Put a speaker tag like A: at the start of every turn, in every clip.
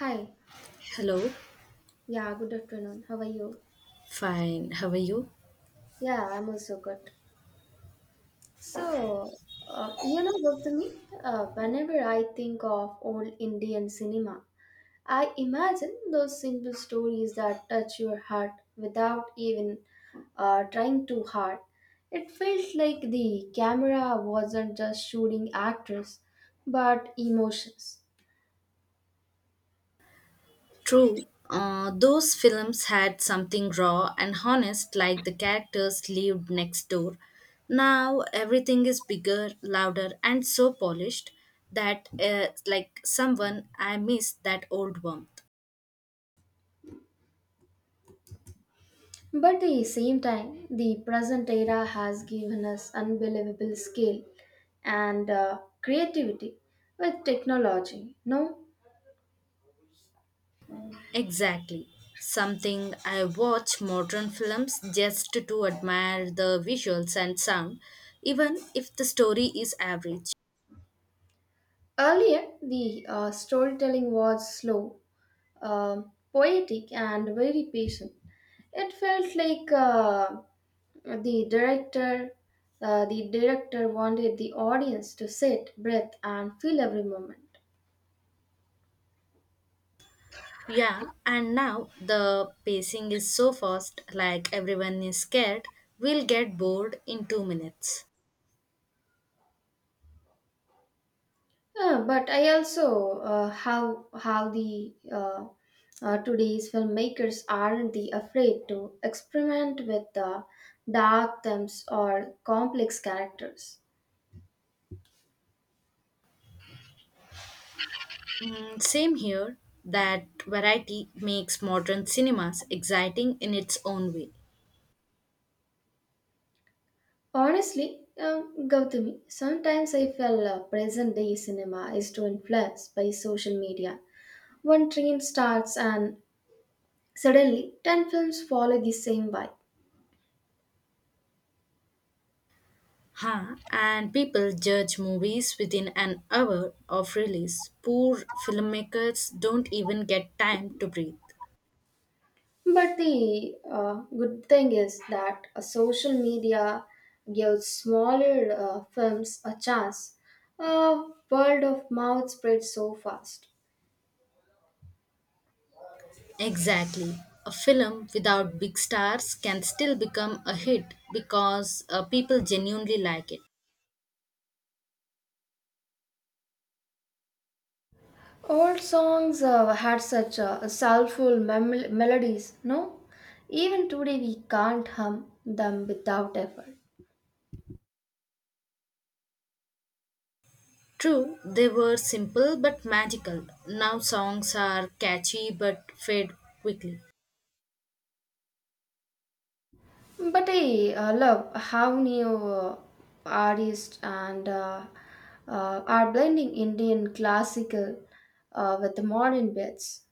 A: Hi.
B: Hello,
A: Yeah, good afternoon. How are you?
B: fine. How are you?
A: Yeah, I'm also good. So, you know what, me? Whenever I think of old Indian cinema, I imagine those simple stories that touch your heart without even trying too hard. It felt like the camera wasn't just shooting actors, but emotions.
B: True. Those films had something raw and honest, like the characters lived next door. Now everything is bigger, louder, and so polished that, like someone, I miss that old warmth.
A: But the same time, the present era has given us unbelievable skill and creativity with technology. Now,
B: Exactly. Something I watch modern films just to admire the visuals and sound, even if the story is average.
A: earlier the storytelling was slow, poetic, and very patient. It felt like the director, the director wanted the audience to sit, breathe, and feel every moment.
B: Yeah, and now the pacing is so fast, like everyone is scared, we'll get bored in 2 minutes.
A: But I also how the today's filmmakers aren't the afraid to experiment with the dark themes or complex characters.
B: Mm, same here, that variety makes modern cinemas exciting in its own way.
A: Honestly, Gautami, sometimes I feel present day cinema is too influenced by social media. One trend starts and suddenly 10 films follow the same vibe.
B: Huh, and people judge movies within an hour of release. Poor filmmakers don't even get time to breathe.
A: But the good thing is that social media gives smaller films a chance. Word of mouth spreads so fast.
B: Exactly. A film without big stars can still become a hit because people genuinely like it.
A: Old songs had such soulful melodies, no? Even today we can't hum them without effort.
B: True, they were simple but magical. Now songs are catchy but fade quickly.
A: But I love how new artists and are blending Indian classical with the modern bits.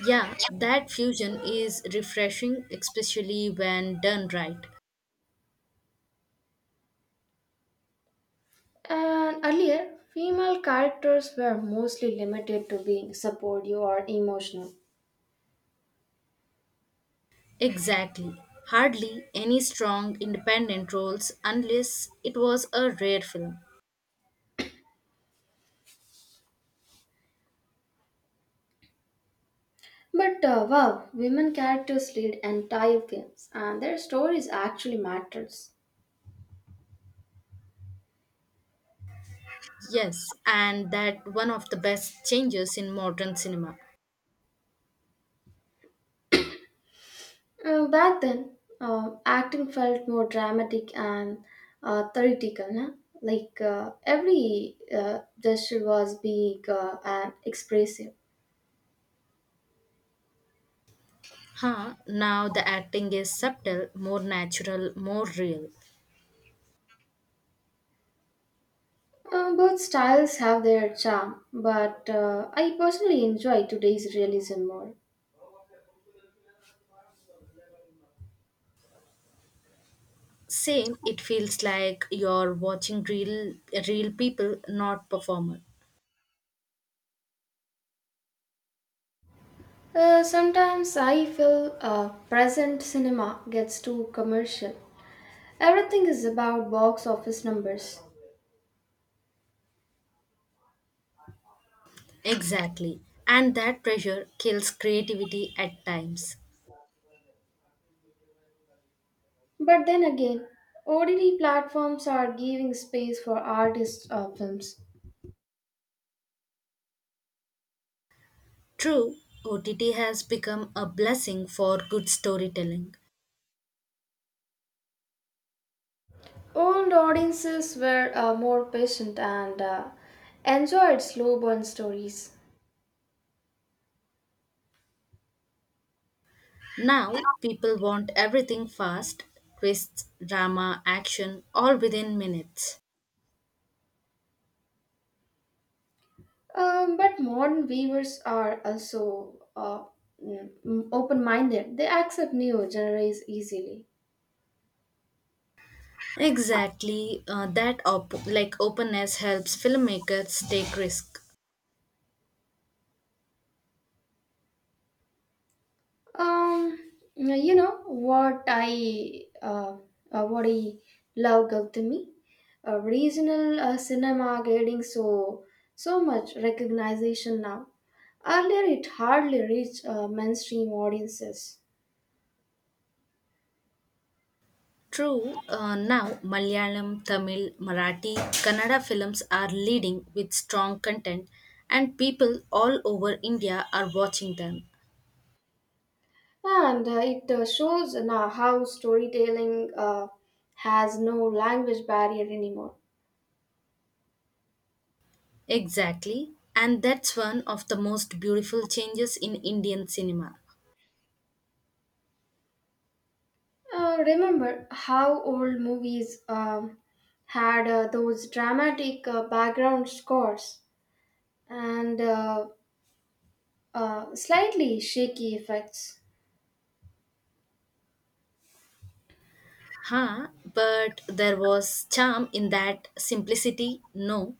B: Yeah, that fusion is refreshing, especially when done right.
A: And earlier, female characters were mostly limited to being supportive or emotional.
B: Exactly. Hardly any strong independent roles unless it was a rare film.
A: But Wow, women characters lead entire films, and their stories actually matters.
B: Yes, and that one of the best changes in modern cinema.
A: Back then, acting felt more dramatic and theoretical. Nah? Like every gesture was big and expressive.
B: Huh, now the acting is subtle, more natural, more real.
A: Both styles have their charm, but I personally enjoy today's realism more.
B: Same, it feels like you're watching real people, not performer.
A: Sometimes I feel present cinema gets too commercial. Everything is about box office numbers.
B: Exactly. And that pressure kills creativity at times.
A: But then again, OTT platforms are giving space for artist films.
B: True, OTT has become a blessing for good storytelling.
A: Old audiences were more patient and enjoyed slow burn stories.
B: Now, people want everything fast, twists, drama, action, all within minutes.
A: But modern viewers are also open minded, they accept new genres easily.
B: Exactly, like openness helps filmmakers take risk.
A: Um, you know what I love, Gautami, regional cinema getting so much recognition now. Earlier, it hardly reached mainstream audiences,
B: True, now Malayalam, Tamil, Marathi, Kannada films are leading with strong content, and people all over India are watching them.
A: and it shows now how storytelling has no language barrier anymore.
B: Exactly, and that's one of the most beautiful changes in Indian cinema.
A: Remember how old movies had those dramatic background scores and slightly shaky effects.
B: Huh, but there was charm in that simplicity, no.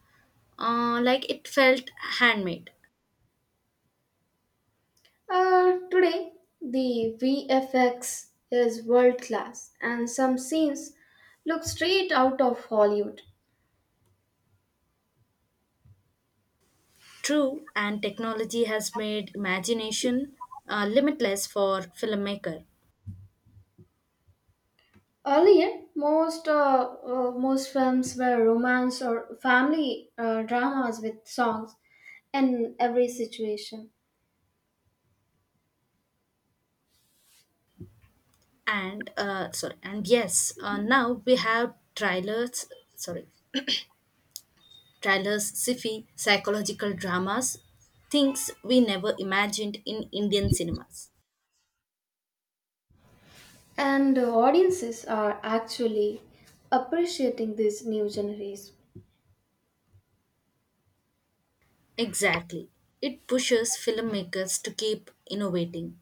B: Like it felt handmade.
A: Today, the VFX is world class, and some scenes look straight out of Hollywood.
B: True, and technology has made imagination limitless for filmmaker.
A: Earlier, most films were romance or family dramas with songs in every situation,
B: And sorry and yes now we have sorry trailers sci-fi psychological dramas, things we never imagined in indian cinemas.
A: and audiences are actually appreciating these new genres.
B: Exactly, it pushes filmmakers to keep innovating.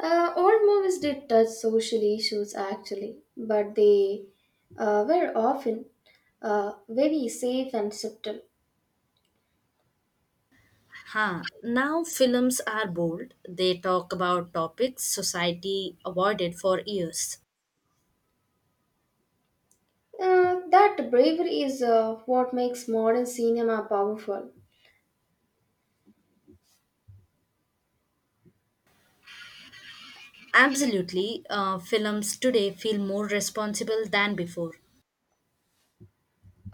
A: Old movies did touch social issues actually, but they were often very safe and subtle.
B: Huh, now films are bold, they talk about topics society avoided for years.
A: That bravery is what makes modern cinema powerful.
B: Absolutely, films today feel more responsible than before.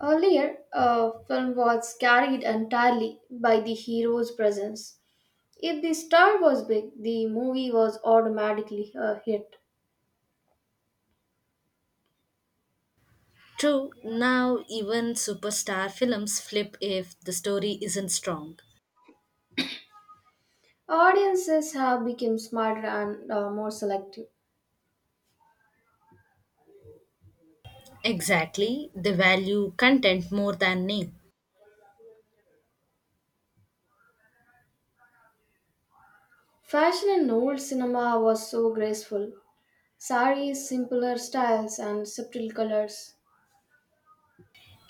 A: Earlier, film was carried entirely by the hero's presence. If the star was big, the movie was automatically a hit.
B: True, now even superstar films flip if the story isn't strong.
A: Audiences have become smarter and more selective.
B: Exactly, they value content more than name.
A: Fashion in old cinema was so graceful, Sari's simpler styles and subtle colors.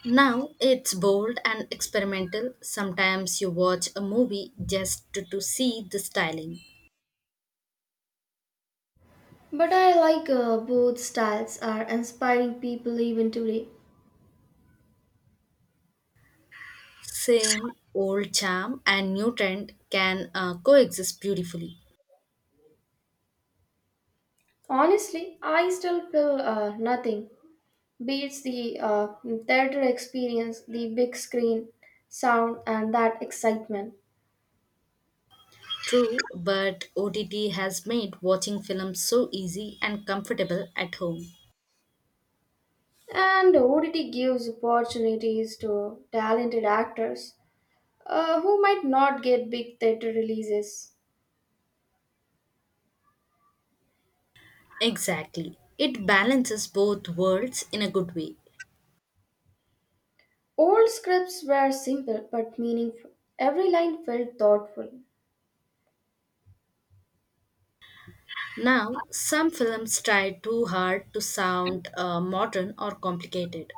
B: Now it's bold and experimental. Sometimes you watch a movie just to see the styling.
A: But I like both styles are inspiring people even today.
B: Same old charm and new trend can coexist beautifully.
A: Honestly, I still feel nothing beats the theater experience, the big screen, sound, and that excitement.
B: True, but OTT has made watching films so easy and comfortable at home.
A: And ODT gives opportunities to talented actors who might not get big theater releases.
B: Exactly. It balances both worlds in a good way.
A: Old scripts were simple but meaningful. Every line felt thoughtful.
B: Now, some films try too hard to sound modern or complicated.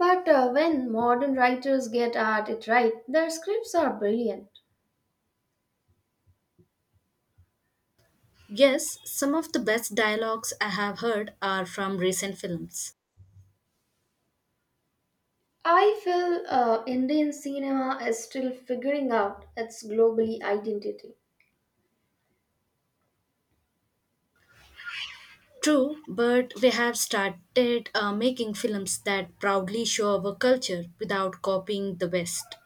A: But when modern writers get at it right, their scripts are brilliant.
B: Yes, some of the best dialogues I have heard are from recent films.
A: I feel Indian cinema is still figuring out its globally identity.
B: True, but we have started making films that proudly show our culture without copying the West.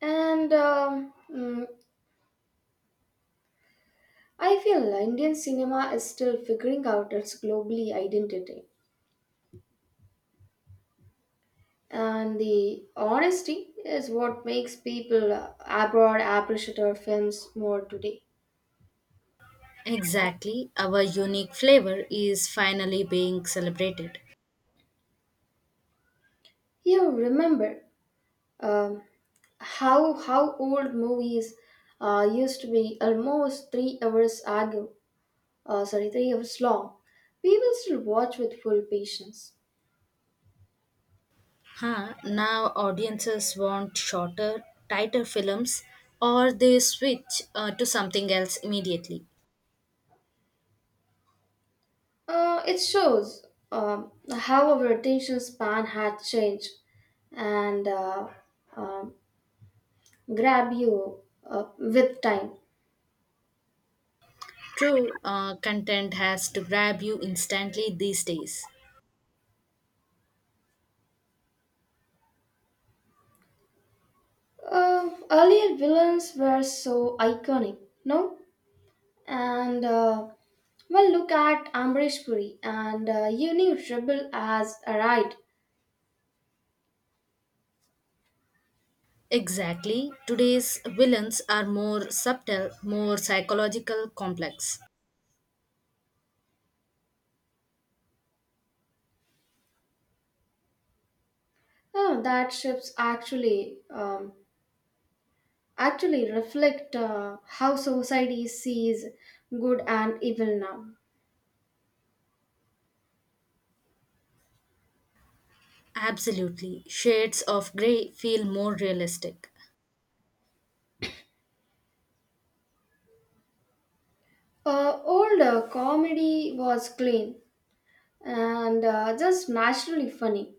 A: And mm, I feel Indian cinema is still figuring out its globally identity. And the honesty is what makes people abroad appreciate our films more today.
B: Exactly, our unique flavor is finally being celebrated.
A: You remember um, how old movies used to be almost 3 hours long, we will still watch with full patience.
B: Huh, now audiences want shorter, tighter films or they switch to something else immediately.
A: It shows how our attention span had changed and uh, um, grab you uh, with time.
B: True, content has to grab you instantly these days.
A: Earlier villains were so iconic, no? And well, look at Amrish Puri and Uni Rebel as arrived.
B: Exactly, today's villains are more subtle, more psychological, complex.
A: Oh, that ships actually reflect how society sees good and evil now.
B: Absolutely, shades of grey feel more realistic.
A: Old comedy was clean and just naturally funny.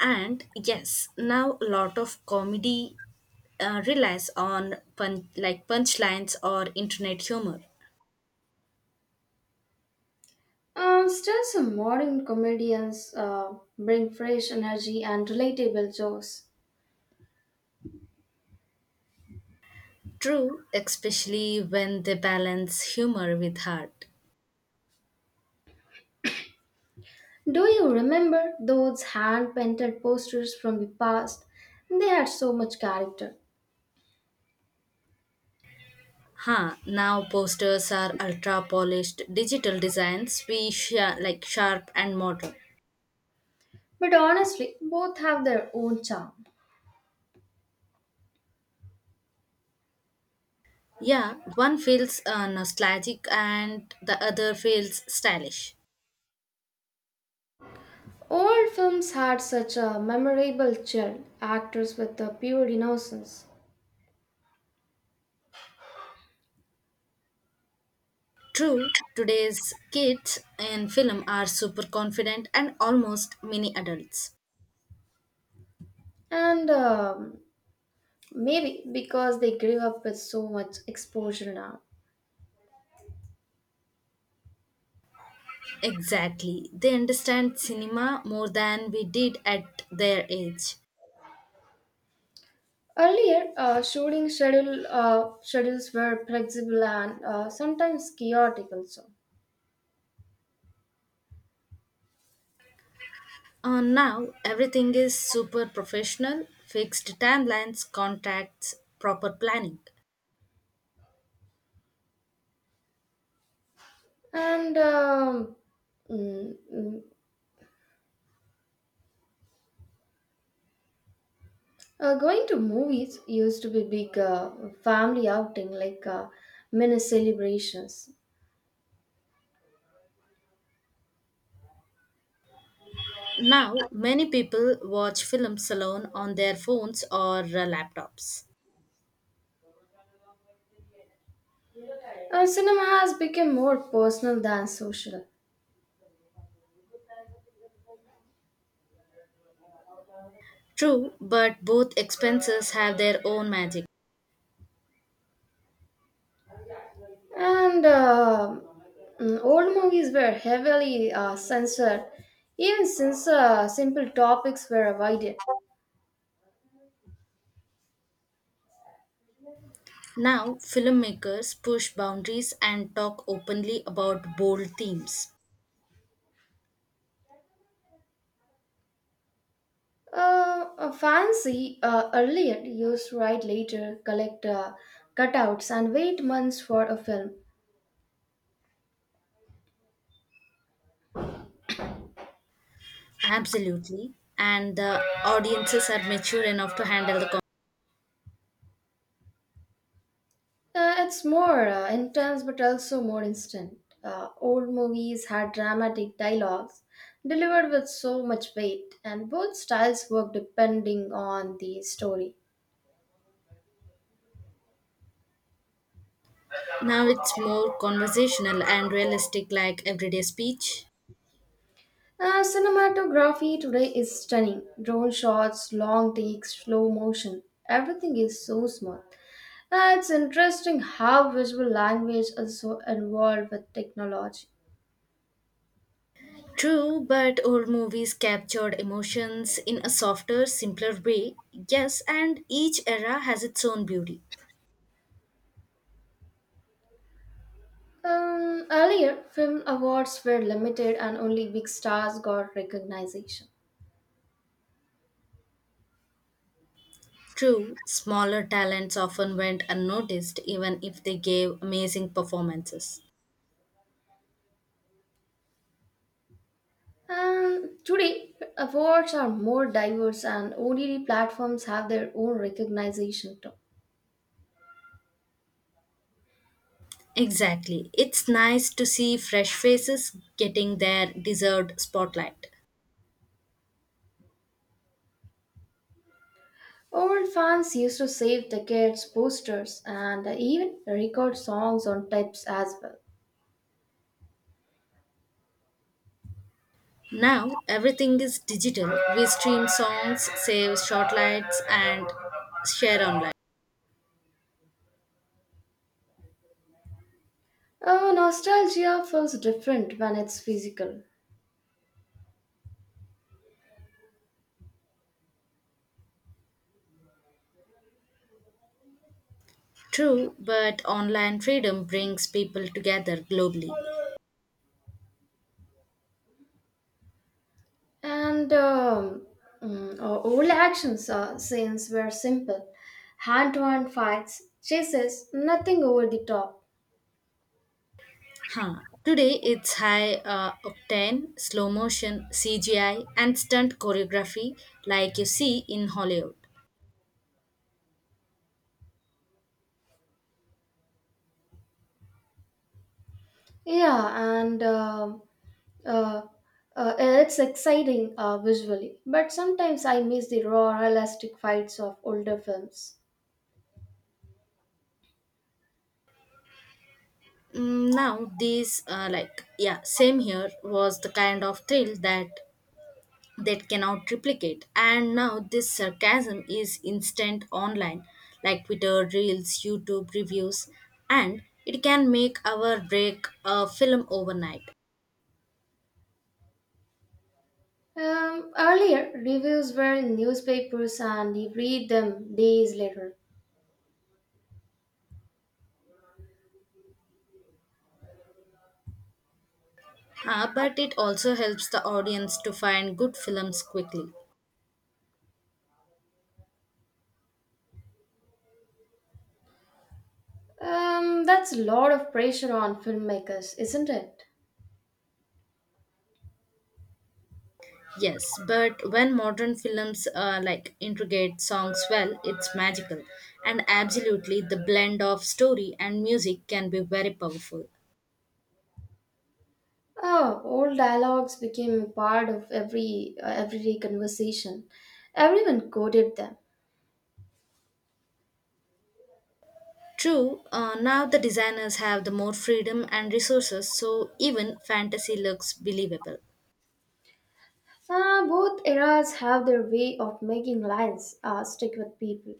B: And yes, now a lot of comedy like punchlines or internet humor.
A: Still, some modern comedians bring fresh energy and relatable jokes.
B: True, especially when they balance humor with heart.
A: Do you remember those hand painted posters from the past? They had so much character.
B: Huh, now posters are ultra polished digital designs, like sharp and modern.
A: But honestly, both have their own charm.
B: Yeah, one feels nostalgic and the other feels stylish.
A: Old films had such a memorable chill, actors with a pure innocence.
B: True, today's kids in film are super confident and almost mini adults.
A: And Maybe because they grew up with so much exposure now.
B: Exactly, they understand cinema more than we did at their age.
A: Earlier, schedules were flexible and sometimes chaotic also.
B: Now everything is super professional, fixed timelines, contacts, proper planning.
A: And um, mm, mm, Going to movies used to be big family outing like mini celebrations.
B: Now many people watch films alone on their phones or laptops.
A: Cinema has become more personal than social.
B: True, but both expenses have their own magic.
A: And uh, Old movies were heavily censored, even since simple topics were avoided.
B: Now filmmakers push boundaries and talk openly about bold themes.
A: A fancy earlier used to write later, collect cutouts, and wait months for a film.
B: Absolutely. And the audiences are mature enough to handle the con-
A: It's more intense but also more instant. Old movies had dramatic dialogues delivered with so much weight, and both styles work depending on the story.
B: now it's more conversational and realistic like everyday speech.
A: Cinematography today is stunning drone shots, long takes, slow motion. Everything is so smooth. It's interesting how visual language is so involved with technology.
B: True, but old movies captured emotions in a softer, simpler way. Yes, and each era has its own beauty.
A: Earlier, film awards were limited and only big stars got recognition.
B: True, smaller talents often went unnoticed even if they gave amazing performances.
A: And today, awards are more diverse and OTT platforms have their own recognition too.
B: Exactly. It's nice to see fresh faces getting their deserved spotlight.
A: Old fans used to save tickets, posters, and even record songs on tapes as well.
B: Now, everything is digital. We stream songs, save shortlights, and share online.
A: Nostalgia feels different when it's physical.
B: True, but online freedom brings people together globally.
A: And um, our old actions scenes were simple hand to hand fights, chases, nothing over the top.
B: Huh. Today it's high octane, slow motion, CGI, and stunt choreography like you see in Hollywood.
A: Yeah, and uh, it's exciting visually, but sometimes I miss the raw, realistic fights of older films.
B: Mm, now these like yeah same here was the kind of thrill that cannot replicate, and now this sarcasm is instant online, like twitter reels, youtube reviews, and it can make our break a film overnight.
A: Earlier, reviews were in newspapers and you read them days later.
B: Ah, but it also helps the audience to find good films quickly.
A: That's a lot of pressure on filmmakers, isn't it?
B: Yes, but when modern films like integrate songs well, it's magical. And absolutely, the blend of story and music can be very powerful.
A: Ah, old dialogues became a part of every everyday conversation. Everyone quoted them.
B: True, now the designers have the more freedom and resources, so even fantasy looks believable.
A: Ah, both eras have their way of making lines stick with people.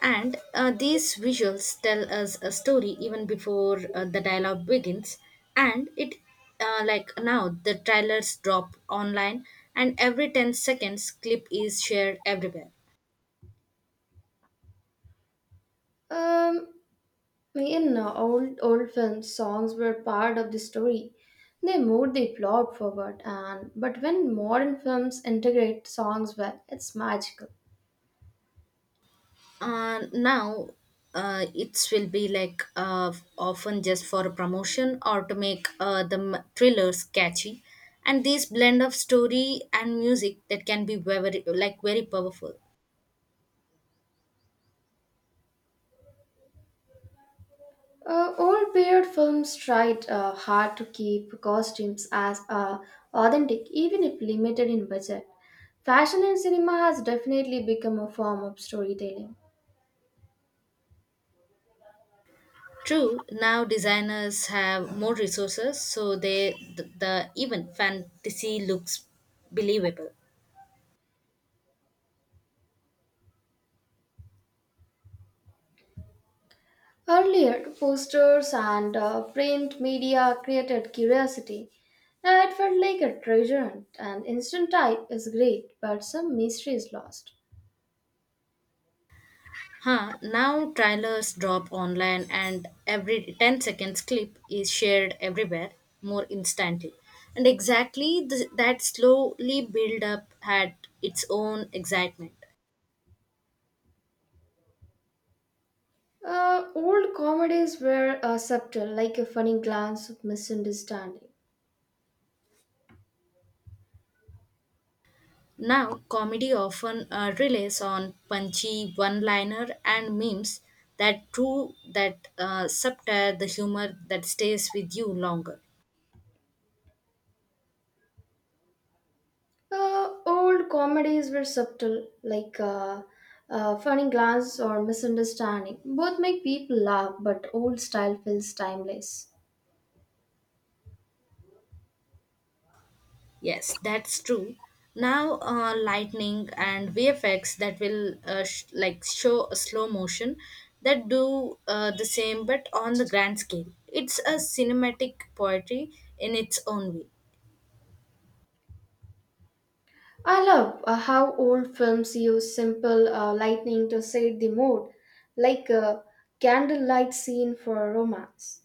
B: And these visuals tell us a story even before the dialogue begins. And it, like now, the trailers drop online, and every 10 seconds, clip is shared everywhere.
A: Um, in old films, songs were part of the story. They moved the plot forward, and but when modern films integrate songs well, it's magical.
B: Now it will be like often just for a promotion or to make thrillers catchy. And this blend of story and music, that can be like very powerful.
A: Old period films tried hard to keep costumes as authentic, even if limited in budget. Fashion in cinema has definitely become a form of storytelling.
B: True, now designers have more resources, so they the even fantasy looks believable.
A: Earlier, posters and print media created curiosity. Now it felt like a treasure hunt, and instant type is great, but some mystery is lost.
B: Huh, now trailers drop online and every 10 seconds clip is shared everywhere more instantly. And exactly, that slowly build up had its own excitement.
A: Old comedies were subtle, like a funny glance of misunderstanding.
B: Now, comedy often relies on punchy one-liner and memes, that true that subtle the humor that stays with you longer.
A: Old comedies were subtle, like funny glance or misunderstanding. Both make people laugh, but old style feels timeless.
B: Yes, that's true. Now, lightning and VFX that will like show a slow motion that do the same but on the grand scale. It's a cinematic poetry in its own way.
A: I love how old films use simple lighting to set the mood, like a candlelight scene for a romance.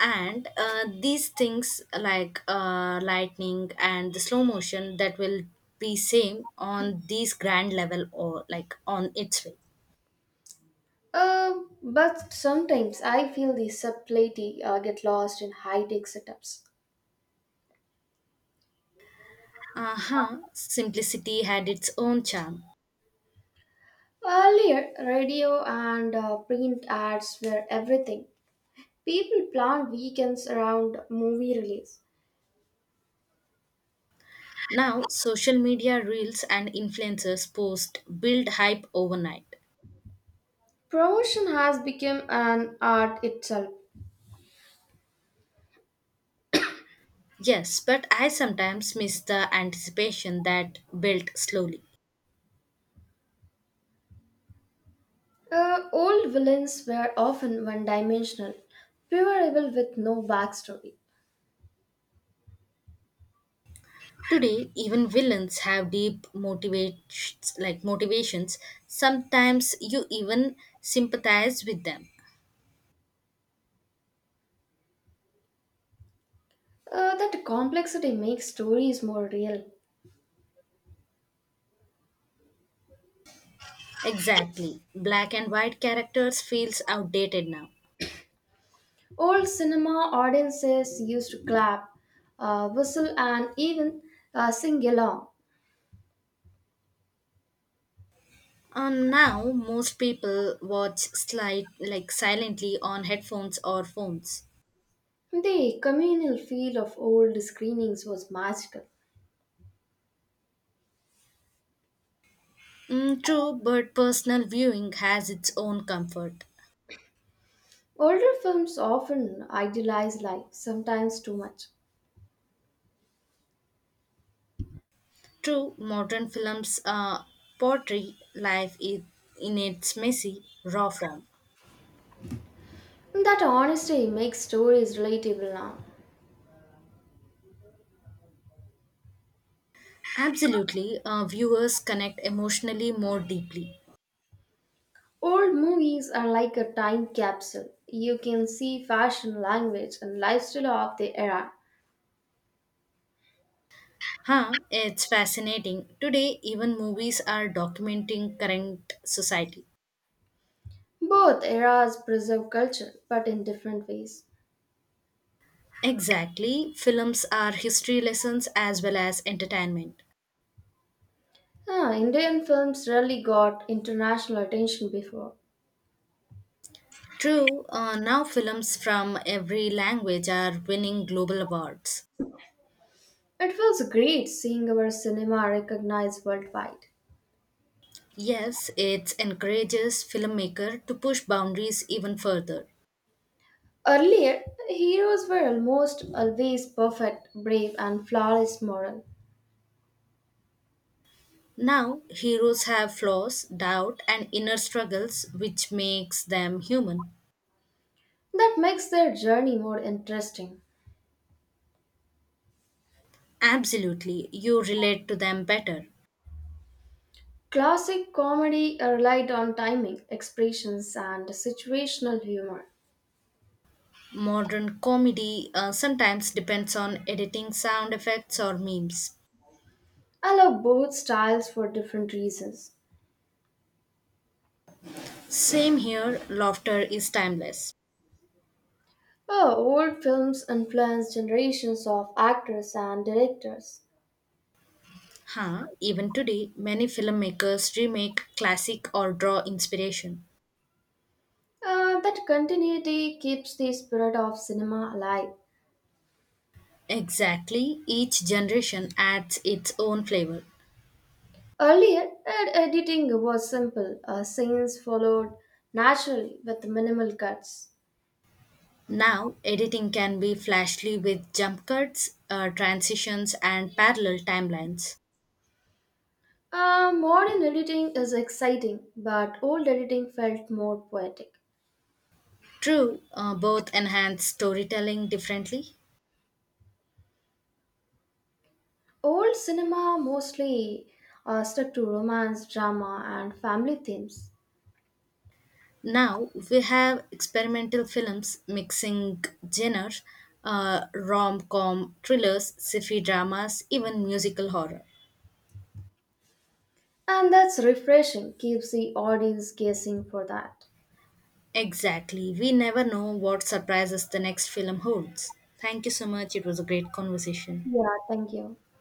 B: And these things like lightning and the slow motion that will be same on these grand level or like on its way.
A: But sometimes I feel the subtlety get lost in high-tech setups.
B: Uh-huh, simplicity had its own charm.
A: Earlier, radio and print ads were everything. People plan weekends around movie release.
B: Now social media reels and influencers post build hype overnight.
A: Promotion has become an art itself.
B: Yes, but I sometimes miss the anticipation that built slowly.
A: Old villains were often one dimensional, pure evil with no backstory.
B: Today, even villains have deep motivations, like motivations. Sometimes you even sympathize with them.
A: That complexity makes stories more real.
B: Exactly. Black and white characters feels outdated now.
A: Old cinema audiences used to clap, whistle, and even sing along.
B: And now most people watch slide like silently on headphones or phones.
A: The communal feel of old screenings was magical.
B: Mm, true, but personal viewing has its own comfort.
A: Older films often idealize life, sometimes too much.
B: True, modern films portray life in its messy, raw form.
A: That honesty makes stories relatable now.
B: Absolutely, viewers connect emotionally more deeply.
A: Old movies are like a time capsule. You can see fashion, language, and lifestyle of the era.
B: Huh, it's fascinating. Today, even movies are documenting current society.
A: Both eras preserve culture, but in different ways.
B: Exactly, films are history lessons as well as entertainment.
A: Ah, Indian films rarely got international attention before.
B: True, now films from every language are winning global awards.
A: It feels great seeing our cinema recognized worldwide.
B: Yes, it encourages filmmaker to push boundaries even further.
A: Earlier, heroes were almost always perfect, brave, and flawless moral.
B: Now, heroes have flaws, doubt, and inner struggles, which makes them human.
A: That makes their journey more interesting.
B: Absolutely, you relate to them better.
A: Classic comedy relied on timing, expressions, and situational humor.
B: Modern comedy sometimes depends on editing sound effects or memes.
A: I love both styles for different reasons.
B: Same here, laughter is timeless.
A: Oh, old films influenced generations of actors and directors.
B: Huh, even today, many filmmakers remake classic or draw inspiration.
A: That continuity keeps the spirit of cinema alive.
B: Exactly, each generation adds its own flavor.
A: Earlier, editing was simple, scenes followed naturally with minimal cuts.
B: Now, editing can be flashy with jump cuts, transitions, and parallel timelines.
A: Modern editing is exciting, but old editing felt more poetic.
B: True, both enhance storytelling differently.
A: Old cinema mostly stuck to romance, drama, and family themes.
B: Now we have experimental films mixing genres, rom com, thrillers, sci fi dramas, even musical horror.
A: And that's refreshing, keeps the audience guessing for that.
B: Exactly. We never know what surprises the next film holds. Thank you so much. It was a great conversation.
A: Yeah, thank you.